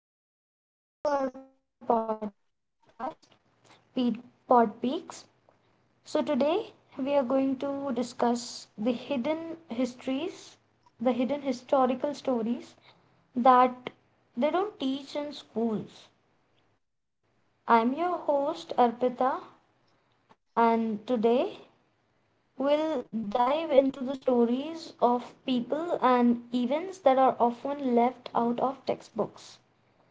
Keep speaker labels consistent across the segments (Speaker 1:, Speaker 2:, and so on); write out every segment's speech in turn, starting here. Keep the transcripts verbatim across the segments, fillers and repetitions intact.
Speaker 1: everyone, and welcome to our podcast, Pe- Pod Peaks. So, today we are going to discuss the hidden histories, the hidden historical stories that they don't teach in schools. I'm your host, Arpita, and today we'll dive into the stories of people and events that are often left out of textbooks.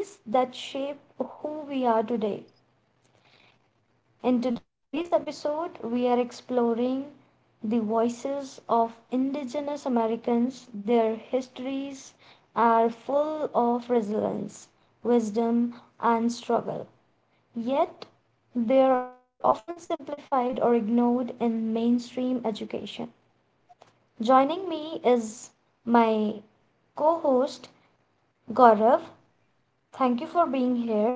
Speaker 1: Stories that shape who we are today. In today's episode, we are exploring the voices of indigenous Americans. Their histories are full of resilience, wisdom, and struggle. Yet, they are often simplified or ignored in mainstream education. Joining me is my co host, Gaurav. Thank you for being here.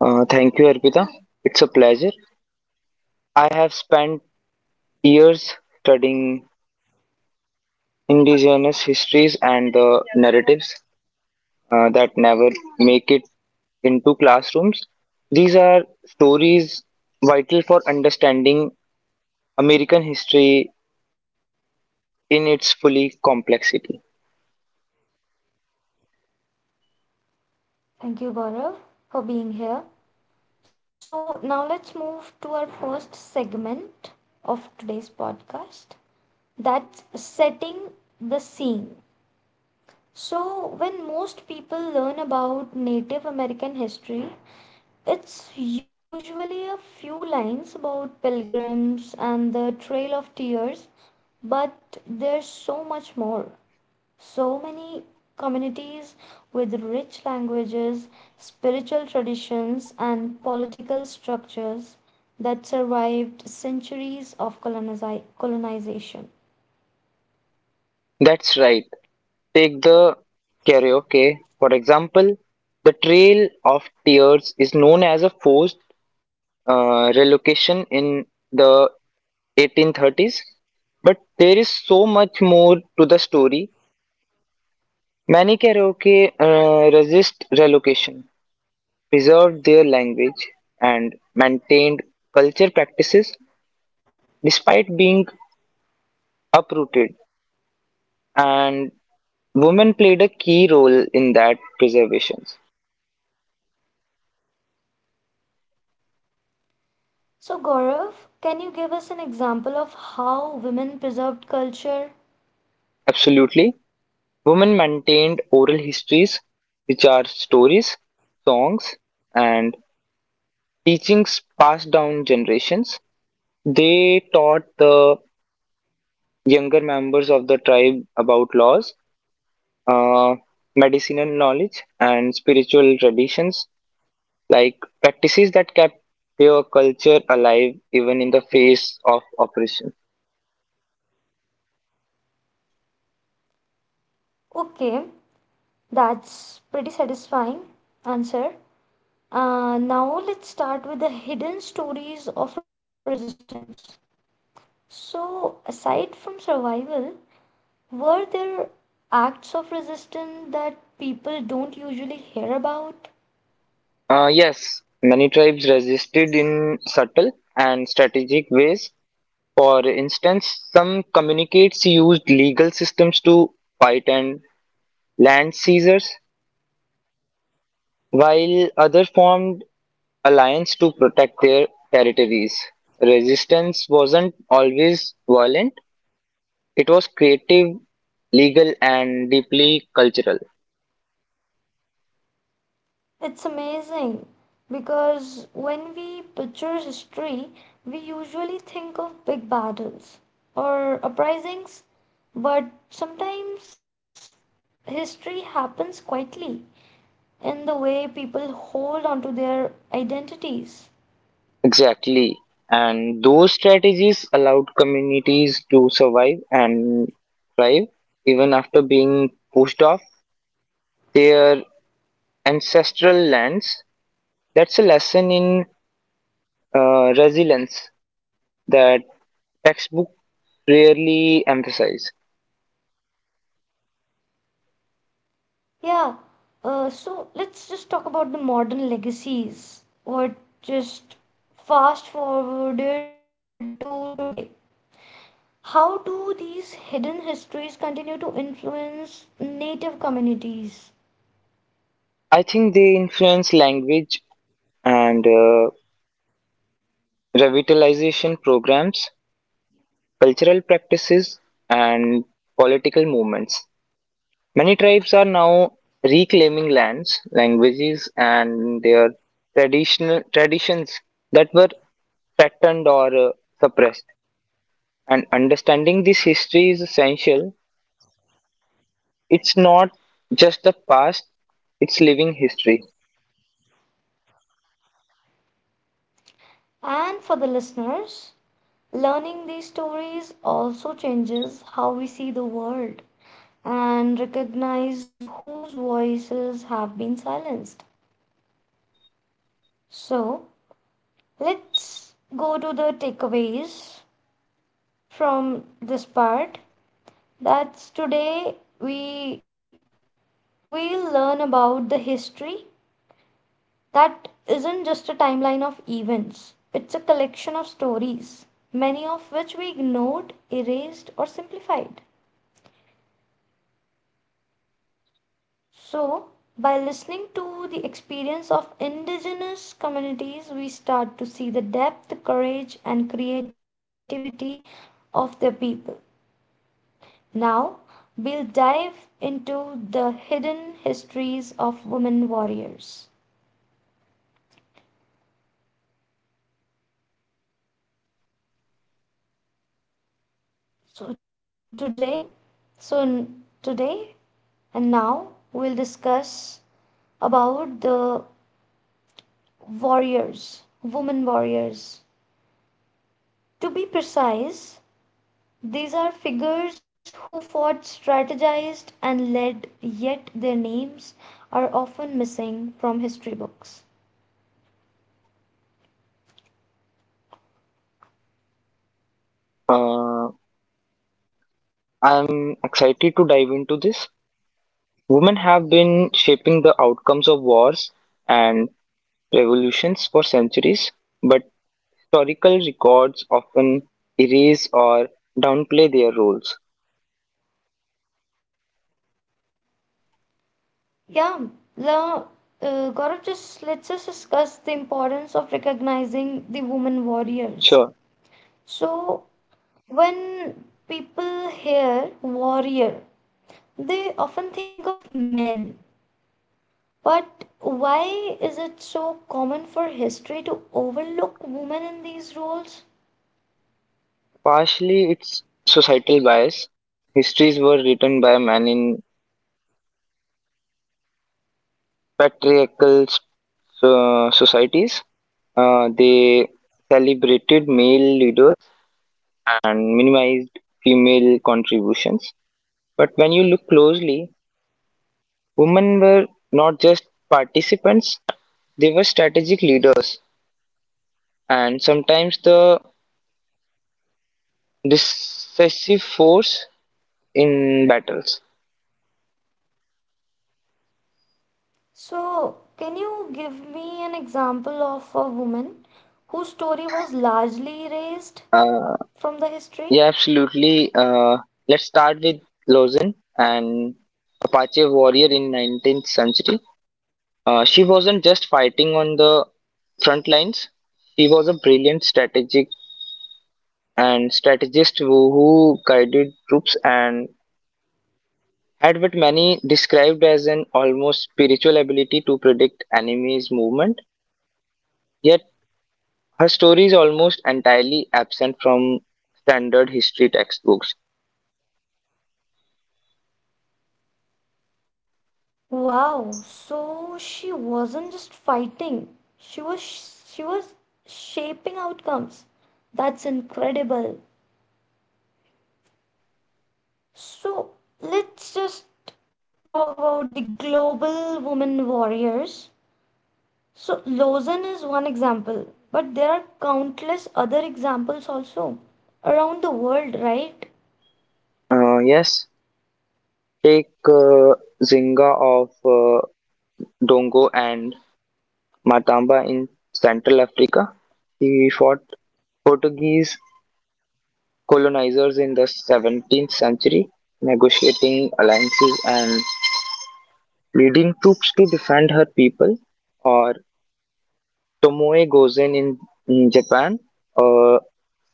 Speaker 2: Uh, thank you, Arpita. It's a pleasure. I have spent years studying indigenous histories and the narratives uh, that never make it into classrooms. These are stories vital for understanding American history in its fully complexity.
Speaker 1: Thank you, Gaurav, for being here. So, now let's move to our first segment of today's podcast that's setting the scene. So, when most people learn about Native American history, it's usually a few lines about pilgrims and the Trail of Tears, but there's so much more, so many communities with rich languages, spiritual traditions, and political structures that survived centuries of colonizi- colonization.
Speaker 2: That's right. Take the karaoke, for example. The Trail of Tears is known as a forced uh, relocation in the eighteen thirties. But there is so much more to the story. Many karaoke uh, resist relocation, preserved their language, and maintained culture practices despite being uprooted. And women played a key role in that preservation.
Speaker 1: So, Gaurav, can you give us an example of how women preserved culture?
Speaker 2: Absolutely. Women maintained oral histories, which are stories, songs, and teachings passed down generations. They taught the younger members of the tribe about laws, uh, medicinal knowledge, and spiritual traditions, like practices that kept their culture alive even in the face of oppression.
Speaker 1: Okay, that's pretty satisfying answer. Uh, now, let's start with the hidden stories of resistance. So, aside from survival, were there acts of resistance that people don't usually hear about?
Speaker 2: Uh, yes, many tribes resisted in subtle and strategic ways. For instance, some communicates used legal systems to fight and land seizures, while others formed alliance to protect their territories. Resistance wasn't always violent, it was creative, legal, and deeply cultural.
Speaker 1: It's amazing because when we picture history, we usually think of big battles or uprisings, but sometimes history happens quietly in the way people hold on to their identities.
Speaker 2: Exactly. And those strategies allowed communities to survive and thrive even after being pushed off their ancestral lands. That's a lesson in uh, resilience that textbooks rarely emphasize.
Speaker 1: Yeah. Uh, so let's just talk about the modern legacies or just fast forwarded to today. How do these hidden histories continue to influence native communities?
Speaker 2: I think they influence language and uh, revitalization programs, cultural practices, and political movements. Many tribes are now reclaiming lands, languages, and their traditional traditions that were threatened or uh, suppressed. And understanding this history is essential. It's not just the past; it's living history.
Speaker 1: And for the listeners, learning these stories also changes how we see the world and recognize whose voices have been silenced. So let's go to the takeaways from this part. That's today we we'll learn about the history, that isn't just a timeline of events, it's a collection of stories, many of which we ignored, erased, or simplified. So by listening to the experience of indigenous communities, we start to see the depth, courage, and creativity of their people. Now we'll dive into the hidden histories of women warriors. So today, so n- today and Now we'll discuss about the warriors, women warriors. To be precise, these are figures who fought, strategized, and led, yet their names are often missing from history books.
Speaker 2: Uh, I'm excited to dive into this. Women have been shaping the outcomes of wars and revolutions for centuries, but historical records often erase or downplay their roles.
Speaker 1: Yeah, the uh, Gaurav, just let's just discuss the importance of recognizing the women
Speaker 2: Sure,
Speaker 1: warriors. So, when people hear warrior, they often think of men. But why is it so common for history to overlook women in these roles?
Speaker 2: partially it's societal bias. Histories were written by men in patriarchal uh, societies. Uh, they celebrated male leaders and minimized female contributions. But when you look closely, women were not just participants, they were strategic leaders and sometimes the decisive force in battles.
Speaker 1: So, can you give me an example of a woman whose story was largely erased
Speaker 2: Uh,
Speaker 1: from the
Speaker 2: yeah,
Speaker 1: history?
Speaker 2: absolutely. Uh, Let's start with Lozin, an Apache warrior in nineteenth century. Uh, she wasn't just fighting on the front lines. She was a brilliant strategic and strategist who, who guided troops and had what many described as an almost spiritual ability to predict enemies' movement. Yet her story is almost entirely absent from standard history textbooks.
Speaker 1: Wow, so she wasn't just fighting, she was she was shaping outcomes. That's incredible. So let's just talk about the global women warriors. So Lawson is one example, but there are countless other examples also around the world, right?
Speaker 2: Uh, yes, take uh, Zinga of uh, Dongo and Matamba in Central Africa. He fought Portuguese colonizers in the seventeenth century, negotiating alliances and leading troops to defend her people. Or Tomoe Gozen in, in Japan, a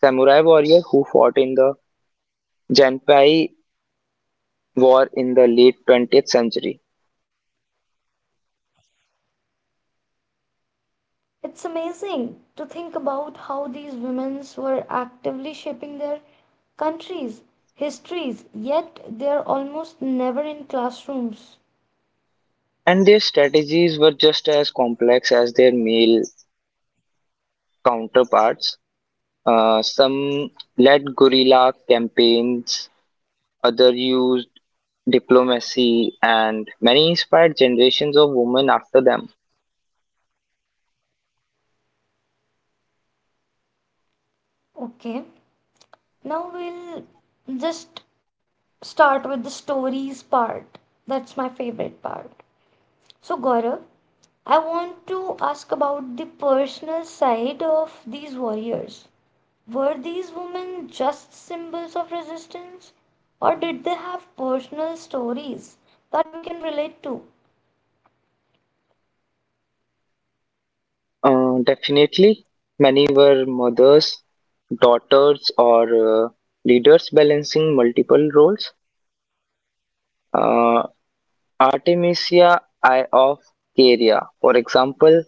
Speaker 2: samurai warrior who fought in the Genpei war in the late twentieth century,
Speaker 1: It's amazing to think about how these women were actively shaping their countries, histories, yet they're almost never in classrooms.
Speaker 2: and their strategies were just as complex as their male counterparts. Uh, some led guerrilla campaigns, others used diplomacy, and many inspired generations of women after them.
Speaker 1: Okay, now we'll just start with the stories part. That's my favorite part. So, Gaurav, I want to ask about the personal side of these warriors. Were these women just symbols of resistance, or did they have personal stories that we can relate to?
Speaker 2: Uh, definitely, many were mothers, daughters, or uh, leaders balancing multiple roles. Uh, Artemisia I of Caria, for example,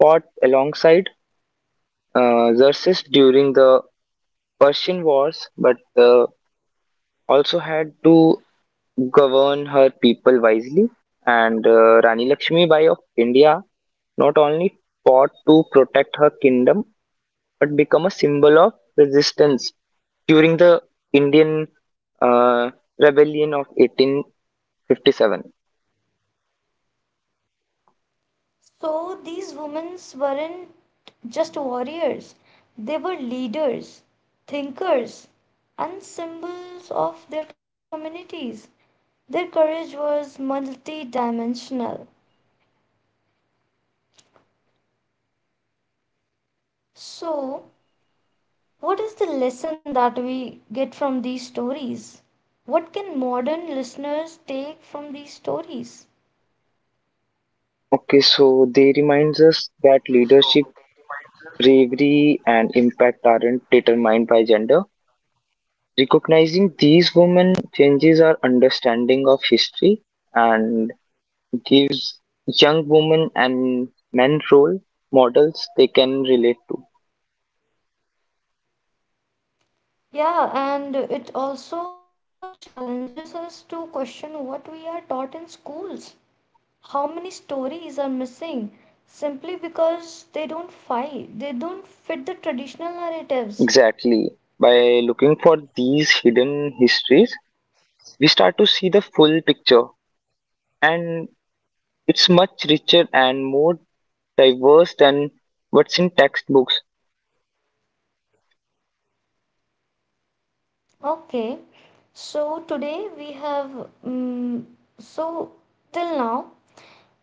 Speaker 2: fought alongside uh, Xerxes during the Persian Wars, but uh, also had to govern her people wisely. And uh, Rani Lakshmi Bai of India not only fought to protect her kingdom but become a symbol of resistance during the Indian uh, rebellion of eighteen fifty-seven.
Speaker 1: So these women weren't just warriors, they were leaders, thinkers, and symbols of their communities. Their courage was multidimensional. So, what is the lesson that we get from these stories? What can modern listeners take from these stories?
Speaker 2: Okay, so they reminds us that leadership, bravery, and impact aren't determined by gender. Recognizing these women changes our understanding of history and gives young women and men role models they can relate to.
Speaker 1: Yeah, and it also challenges us to question what we are taught in schools. How many stories are missing simply because they don't fight, they don't fit the traditional narratives.
Speaker 2: Exactly. By looking for these hidden histories, we start to see the full picture, and it's much richer and more diverse than what's in textbooks.
Speaker 1: Okay, so today we have, um, so till now,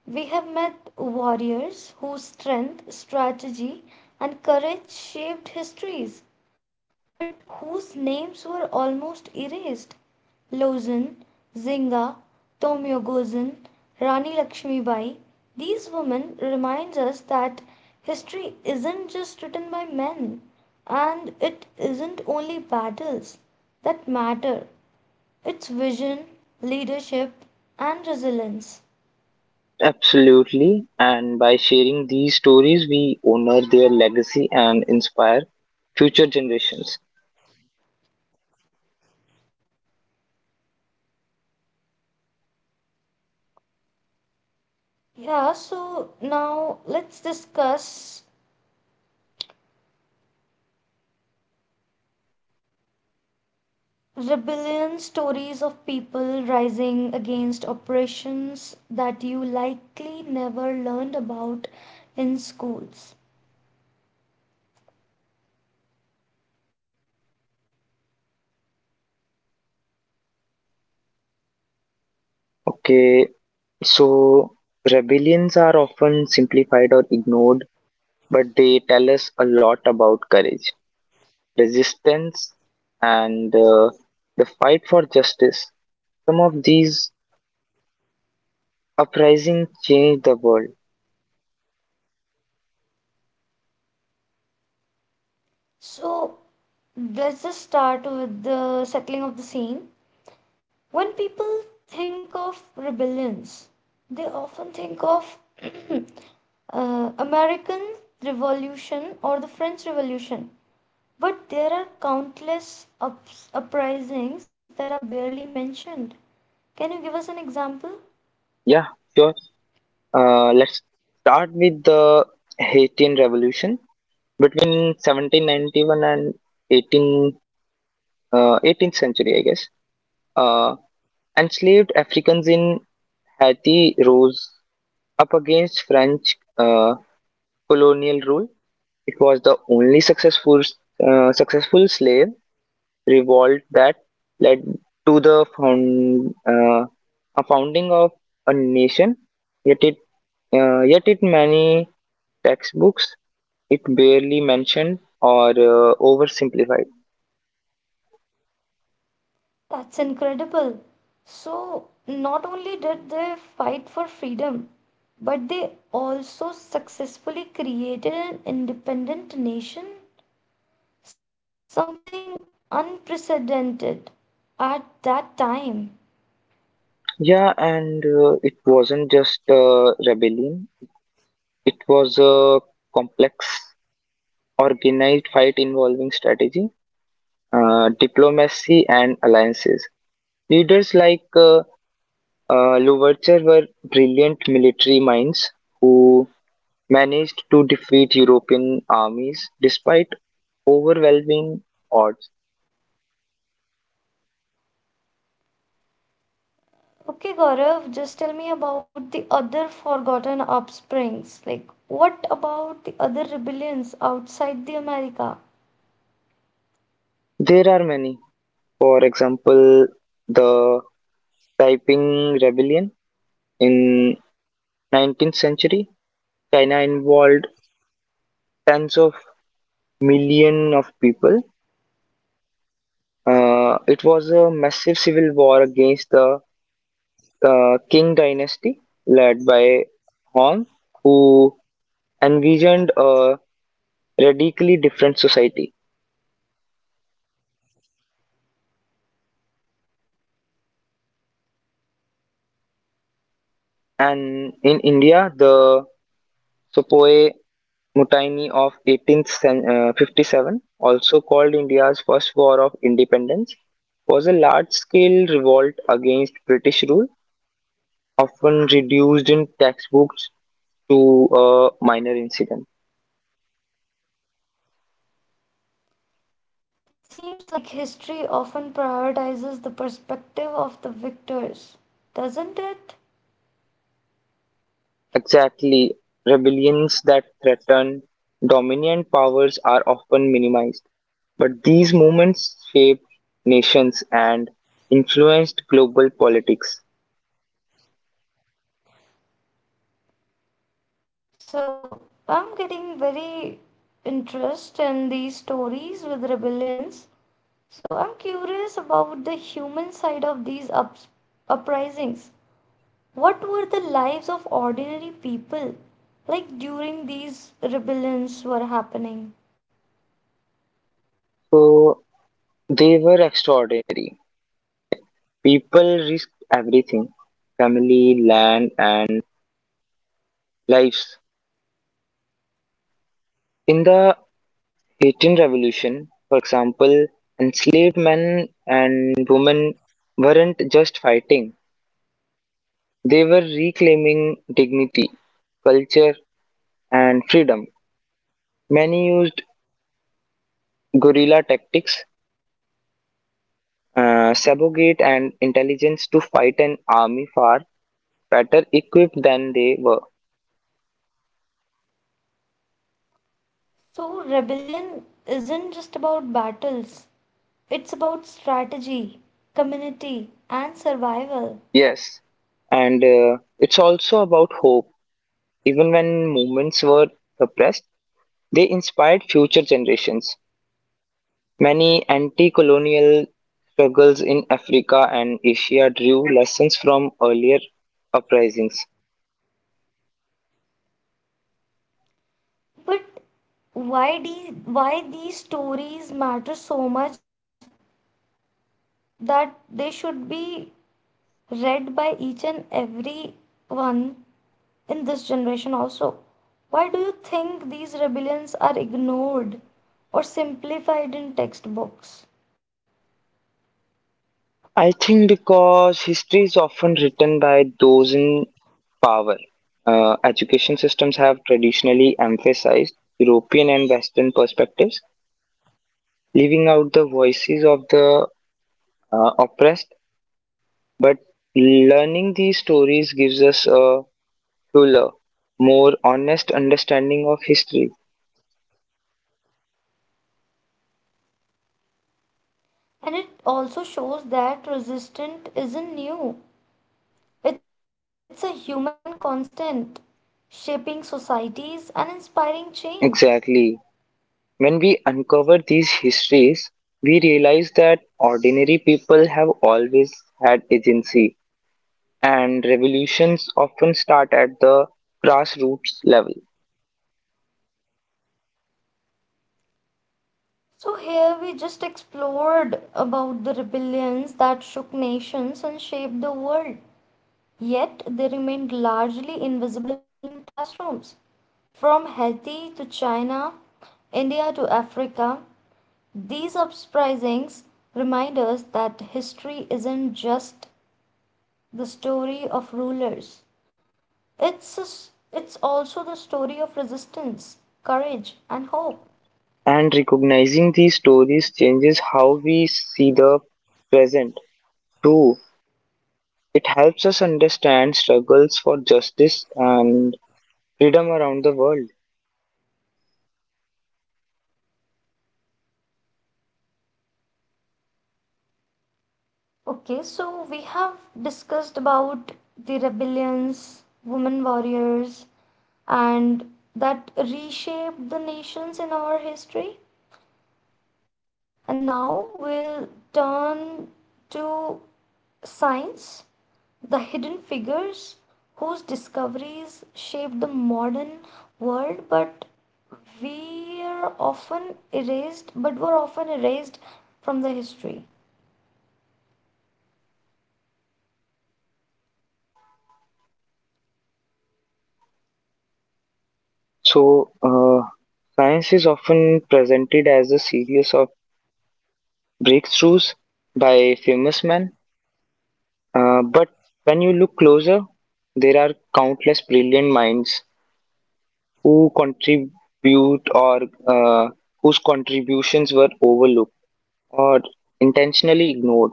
Speaker 1: we have met warriors whose strength, strategy, and courage shaped histories, but whose names were almost erased. Lozan, Zinga, Tomyogosin, Rani Lakshmibai. These women reminds us that history isn't just written by men and it isn't only battles that matter. It's vision, leadership, and resilience.
Speaker 2: Absolutely. And by sharing these stories, we honor their legacy and inspire future generations.
Speaker 1: Yeah, so now let's discuss rebellion stories of people rising against oppressions that you likely never learned about in schools.
Speaker 2: Okay, so rebellions are often simplified or ignored, but they tell us a lot about courage, resistance, and uh, the fight for justice. Some of these uprisings changed the world.
Speaker 1: So let's just start with the settling of the scene. When people think of rebellions, they often think of uh, American Revolution or the French Revolution. But there are countless ups- uprisings that are barely mentioned. Can you give us an example?
Speaker 2: Yeah, sure. Uh, let's start with the Haitian Revolution between seventeen ninety-one and eighteen, uh, eighteenth century, I guess. Uh, Enslaved Africans in Haiti rose up against French uh, colonial rule. It was the only successful uh, successful slave revolt that led to the found, uh, a founding of a nation. Yet it uh, yet it many textbooks, it barely mentioned or uh, oversimplified.
Speaker 1: That's incredible. So, not only did they fight for freedom, but they also successfully created an independent nation, something unprecedented at that time.
Speaker 2: Yeah, and uh, it wasn't just a rebellion; it was a complex, organized fight involving strategy uh, diplomacy and alliances. Leaders like uh, uh, Louverture were brilliant military minds who managed to defeat European armies despite overwhelming odds.
Speaker 1: Okay, Gaurav, just tell me about the other forgotten offsprings. Like, what about the other rebellions outside the America?
Speaker 2: There are many. For example, the Taiping Rebellion in nineteenth century, China involved tens of million of people. Uh, it was a massive civil war against the uh, Qing dynasty led by Hong, who envisioned a radically different society. And in India, the Sepoy Mutiny of eighteen fifty-seven, also called India's First War of Independence, was a large scale revolt against British rule, often reduced in textbooks to a minor incident.
Speaker 1: Seems like history often prioritizes the perspective of the victors, doesn't it?
Speaker 2: Exactly, rebellions that threaten dominant powers are often minimized. But these movements shaped nations and influenced global politics.
Speaker 1: So I'm getting very interest in these stories with rebellions. So I'm curious about the human side of these ups- uprisings. What were the lives of ordinary people like during these rebellions were happening?
Speaker 2: So they were extraordinary. People risked everything: family, land, and lives. In the Haitian Revolution, for example, enslaved men and women weren't just fighting, they were reclaiming dignity, culture, and freedom. Many used guerrilla tactics uh, subjugate and intelligence to fight an army far better equipped than they were.
Speaker 1: So rebellion isn't just about battles. It's about strategy, community, and survival.
Speaker 2: Yes, and uh, it's also about hope. Even when movements were suppressed, they inspired future generations. Many anti colonial struggles in Africa and Asia drew lessons from earlier uprisings.
Speaker 1: But why de- why these stories matter so much that they should be read by each and every one in this generation also? Why do you think these rebellions are ignored or simplified in textbooks?
Speaker 2: I think because history is often written by those in power. Uh, education systems have traditionally emphasized European and Western perspectives, leaving out the voices of the uh, oppressed. But learning these stories gives us a fuller, more honest understanding of history.
Speaker 1: And it also shows that resistance isn't new. It's a human constant, shaping societies and inspiring change.
Speaker 2: Exactly. When we uncover these histories, we realize that ordinary people have always had agency, and revolutions often start at the grassroots level.
Speaker 1: So here we just explored about the rebellions that shook nations and shaped the world. Yet they remained largely invisible in classrooms. From Haiti to China, India to Africa, these uprisings remind us that history isn't just the story of rulers. It's a s it's also the story of resistance, courage, and hope.
Speaker 2: And recognizing these stories changes how we see the present, too. It helps us understand struggles for justice and freedom around the world.
Speaker 1: Okay, so we have discussed about the rebellions, women warriors, and that reshaped the nations in our history. And now we'll turn to science. The hidden figures whose discoveries shaped the modern world, but we are often erased but were often erased from the history.
Speaker 2: So, uh, science is often presented as a series of breakthroughs by famous men, uh, but when you look closer, there are countless brilliant minds who contribute or uh, whose contributions were overlooked or intentionally ignored,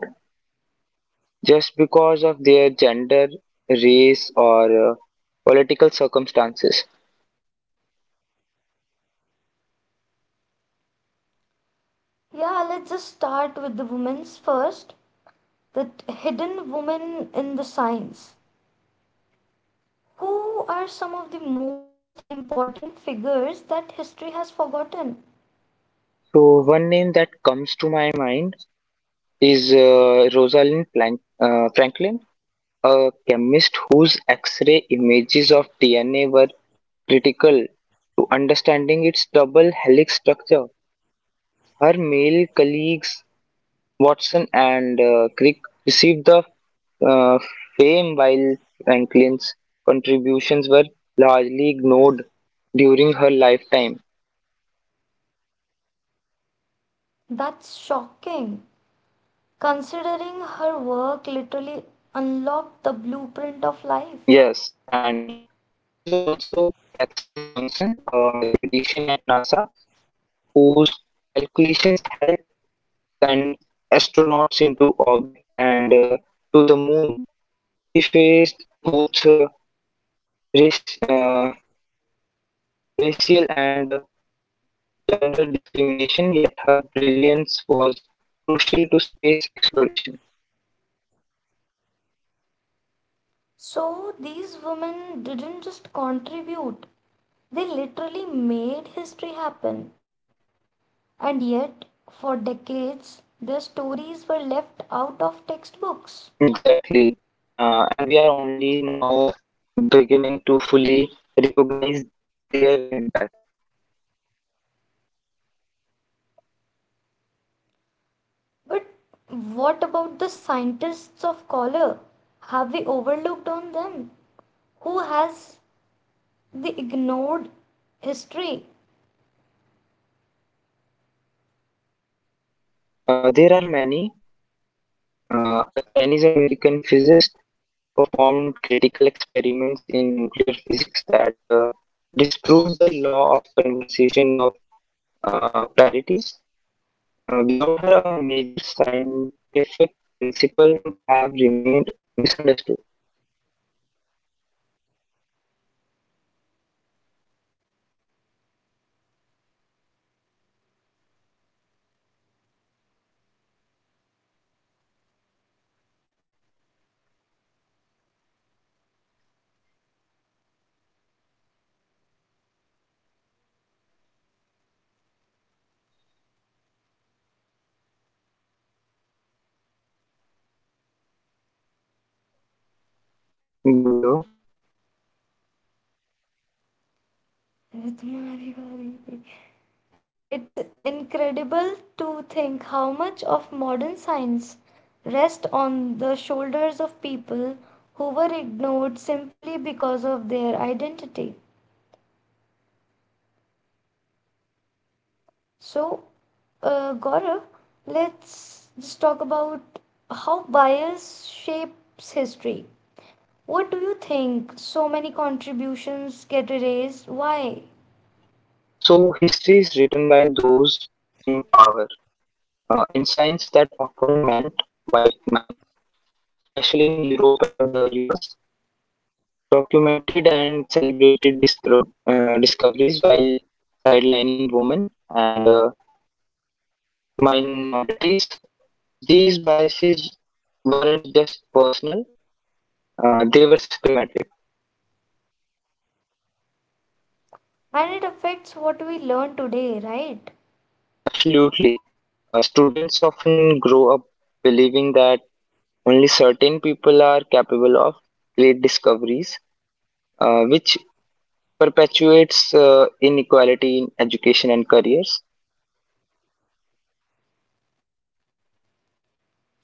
Speaker 2: just because of their gender, race, or uh, political circumstances.
Speaker 1: Yeah, let's just start with the women's first. The hidden women in the science. Who are some of the most important figures that history has forgotten?
Speaker 2: So, one name that comes to my mind is uh, Rosalind Plank, uh, Franklin, a chemist whose X ray images of D N A were critical to understanding its double helix structure. Her male colleagues, Watson and uh, Crick, received the uh, fame, while Franklin's contributions were largely ignored during her lifetime.
Speaker 1: That's shocking. Considering her work literally unlocked the blueprint of life.
Speaker 2: Yes, and there is also Katherine Johnson, a mathematician at NASA, whose calculations helped send astronauts into orbit and uh, to the moon. She faced both uh, race, uh, racial and uh, gender discrimination, yet her brilliance was crucial to space exploration.
Speaker 1: So these women didn't just contribute, they literally made history happen. And yet, for decades, their stories were left out of textbooks.
Speaker 2: Exactly. Uh, and we are only now beginning to fully recognize their impact.
Speaker 1: But what about the scientists of color? Have we overlooked on them? Who has the ignored history?
Speaker 2: Uh, there are many. Uh, a Chinese American physicist performed critical experiments in nuclear physics that uh, disproved the law of conservation of uh, parity. Uh, without her, a major scientific principle would have remained misunderstood. Bolo.
Speaker 1: तुम्हारी बारी। It's incredible to think how much of modern science rests on the shoulders of people who were ignored simply because of their identity. So, uh, Gaurav, let's just talk about how bias shapes history. What do you think? So many contributions get erased. Why?
Speaker 2: So, history is written by those in power. Uh, in science that often meant white men, especially in Europe and the U S, documented and celebrated disco- uh, discoveries while sidelining women and uh, minorities. These biases weren't just personal, uh, they were systematic.
Speaker 1: And it affects what we learn today, right?
Speaker 2: Absolutely. Uh, students often grow up believing that only certain people are capable of great discoveries, uh, which perpetuates uh, inequality in education and careers.
Speaker 1: So,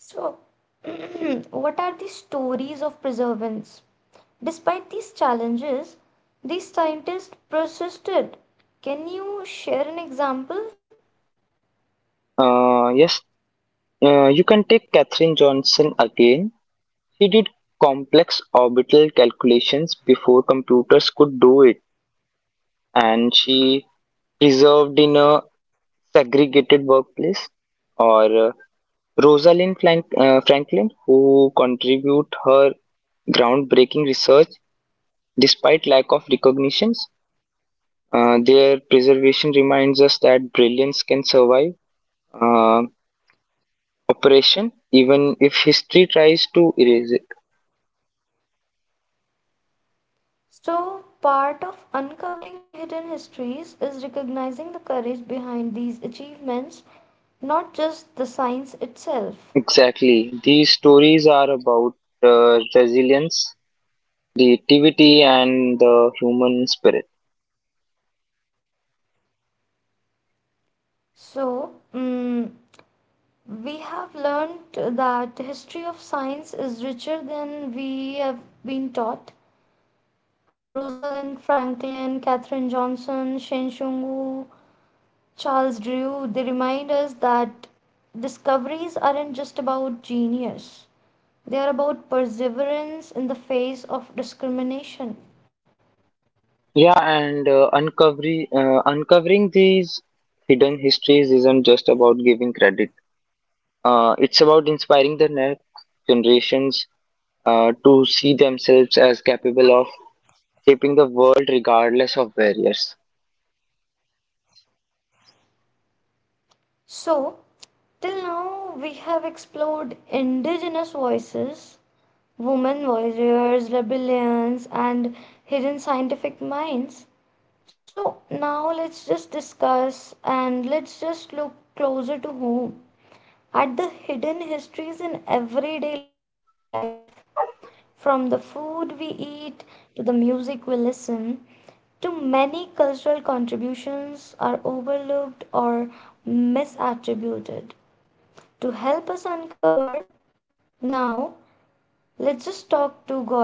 Speaker 1: what are the stories of perseverance? Despite these challenges, these scientists persisted. Can you share an example?
Speaker 2: Uh, yes, uh, you can take Katherine Johnson again. She did complex orbital calculations before computers could do it, and she preserved in a segregated workplace. Or uh, Rosalind Frank- uh, Franklin, who contribute her groundbreaking research despite lack of recognitions. Uh, their preservation reminds us that brilliance can survive uh, oppression, even if history tries to erase it.
Speaker 1: So, part of uncovering hidden histories is recognizing the courage behind these achievements, not just the science itself.
Speaker 2: Exactly. These stories are about uh, resilience, creativity, and the human spirit.
Speaker 1: So, mm, we have learned that the history of science is richer than we have been taught. Rosalind Franklin, Katherine Johnson, Shen Shungu, Charles Drew, they remind us that discoveries aren't just about genius, they are about perseverance in the face of discrimination.
Speaker 2: Yeah, and uh, uncovering uh, uncovering these hidden histories isn't just about giving credit. Uh, it's about inspiring the next generations uh, to see themselves as capable of shaping the world regardless of barriers.
Speaker 1: So, till now, we have explored indigenous voices, women warriors, rebellions, and hidden scientific minds. So, now let's just discuss and let's just look closer to home, at the hidden histories in everyday life, from the food we eat to the music we listen to, many cultural contributions are overlooked or misattributed. To help us uncover, now let's just talk to Gaurav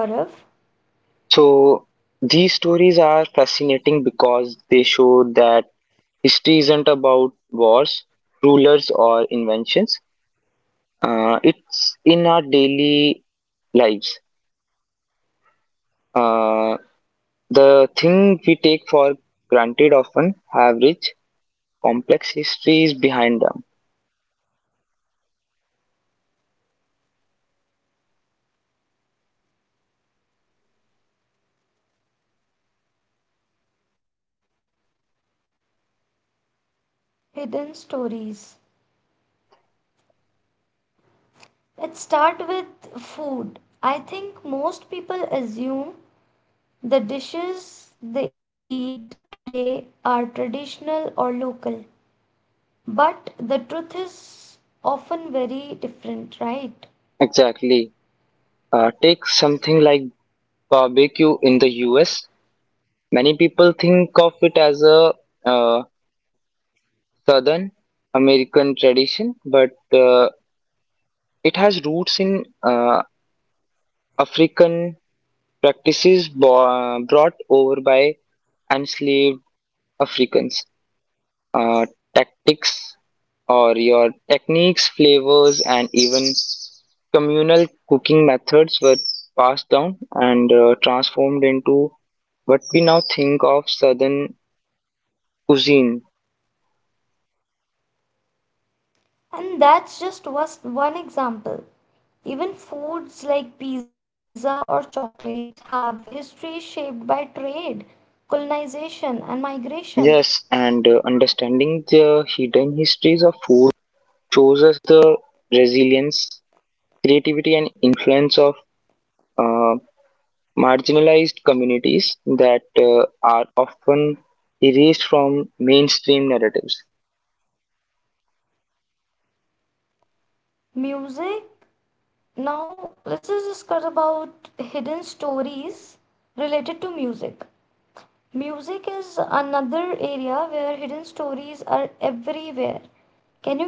Speaker 2: So these stories are fascinating because they show that history isn't about wars, rulers, or inventions. Uh, it's in our daily lives. Uh, the thing we take for granted often have rich, complex histories behind them.
Speaker 1: hidden stories. Let's start with food. I think most people assume the dishes they eat today are traditional or local, but the truth is often very different, right?
Speaker 2: Exactly. Uh, take something like barbecue in the U S. Many people think of it as a uh, Southern American tradition, but uh, it has roots in uh, African practices bo- brought over by enslaved Africans. Uh, Tactics or your techniques, flavors, and even communal cooking methods were passed down and uh, transformed into what we now think of southern cuisine.
Speaker 1: And that's just was one example. Even foods like pizza or chocolate have history shaped by trade, colonization, and migration.
Speaker 2: Yes, and uh, understanding the hidden histories of food shows us the resilience, creativity, and influence of uh, marginalized communities that uh, are often erased from mainstream narratives.
Speaker 1: Music, now let's just discuss about hidden stories related to music. Music is another area where hidden stories are everywhere.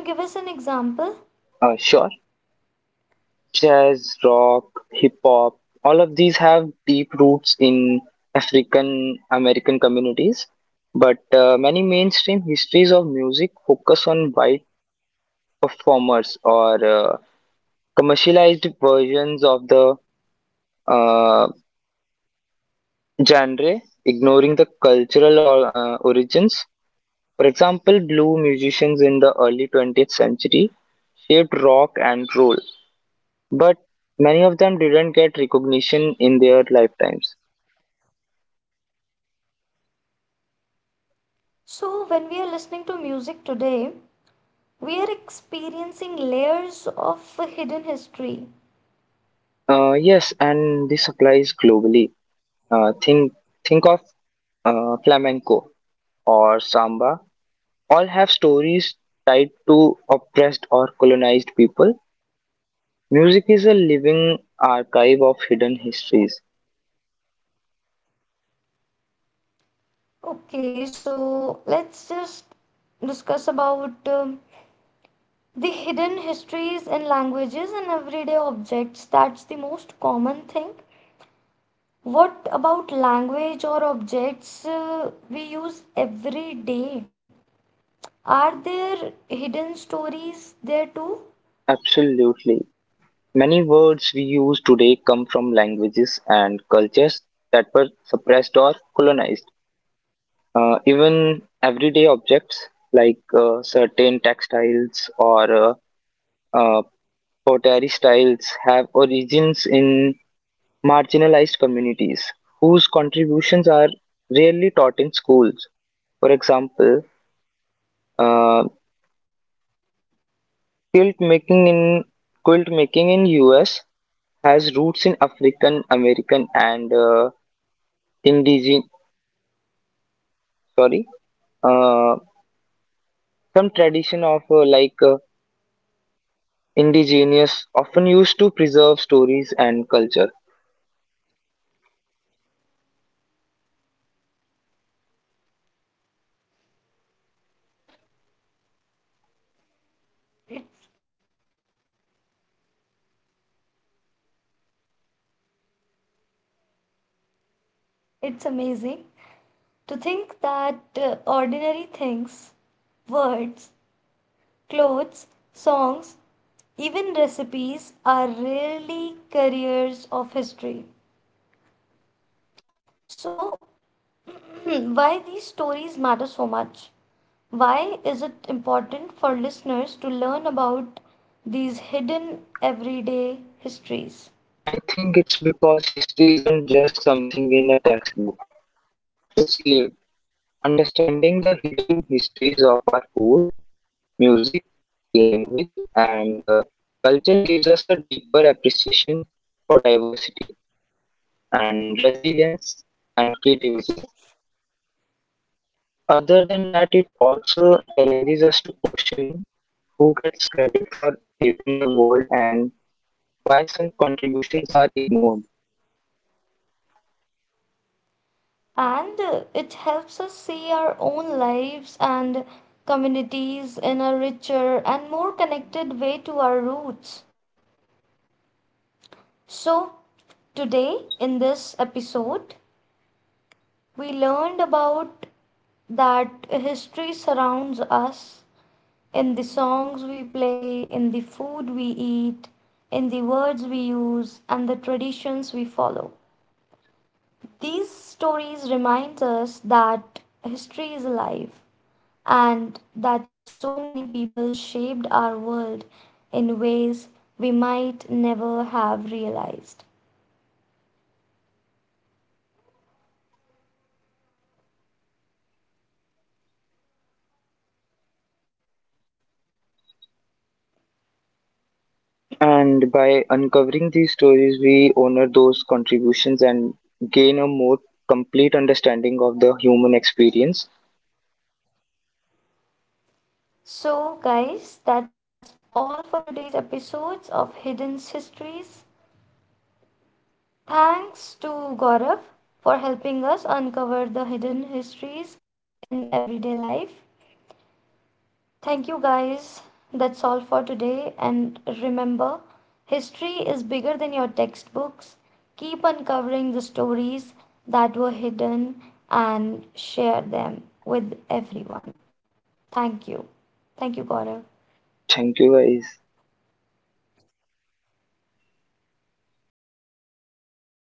Speaker 1: Can you give us an example?
Speaker 2: Uh, sure, jazz, rock, hip hop, all of these have deep roots in African American communities, but uh, many mainstream histories of music focus on white performers or uh, commercialized versions of the uh, genre, ignoring the cultural or, uh, origins. For example, blue musicians in the early twentieth century shaped rock and roll, but many of them didn't get recognition in their lifetimes.
Speaker 1: So, when we are listening to music today, we are experiencing layers of hidden history.
Speaker 2: Uh, yes, and this applies globally. Uh, think think of uh, flamenco or samba. All have stories tied to oppressed or colonized people. Music is a living archive of hidden histories.
Speaker 1: Okay, so let's just discuss about um, the hidden histories in languages and everyday objects. That's the most common thing. What about language or objects uh, we use every day? Are there hidden stories there too?
Speaker 2: Absolutely. Many words we use today come from languages and cultures that were suppressed or colonized. Uh, even everyday objects like uh, certain textiles or uh, uh, pottery styles have origins in marginalized communities whose contributions are rarely taught in schools. For example, uh, quilt making in quilt making in U S has roots in African American and uh, indigenous, sorry, uh, some tradition of uh, like uh, indigenous often used to preserve stories and culture.
Speaker 1: It's, it's amazing. To think that uh, ordinary things, words, clothes, songs, even recipes are really careers of history. So, why these stories matter so much? Why is it important for listeners to learn about these hidden everyday histories?
Speaker 2: I think it's because history isn't just something in a textbook, it's lived. Understanding the hidden histories of our food, music, language, and uh, culture gives us a deeper appreciation for diversity and resilience and creativity. Other than that, it also challenges us to question who gets credit for shaping the world and why some contributions are ignored.
Speaker 1: and uh, it helps us see our own lives and communities in a richer and more connected way to our roots. So, today in this episode, we learned about that history surrounds us in the songs we play, in the food we eat, in the words we use, and the traditions we follow. These stories remind us that history is alive and that so many people shaped our world in ways we might never have realized.
Speaker 2: And by uncovering these stories, we honor those contributions and gain a more complete understanding of the human experience.
Speaker 1: So, guys, that's all for today's episodes of Hidden Histories. Thanks to Gaurav for helping us uncover the hidden histories in everyday life. Thank you, guys. That's all for today. And remember, history is bigger than your textbooks. Keep uncovering the stories that were hidden and share them with everyone. Thank you. Thank you, Gaurav.
Speaker 2: Thank you, guys.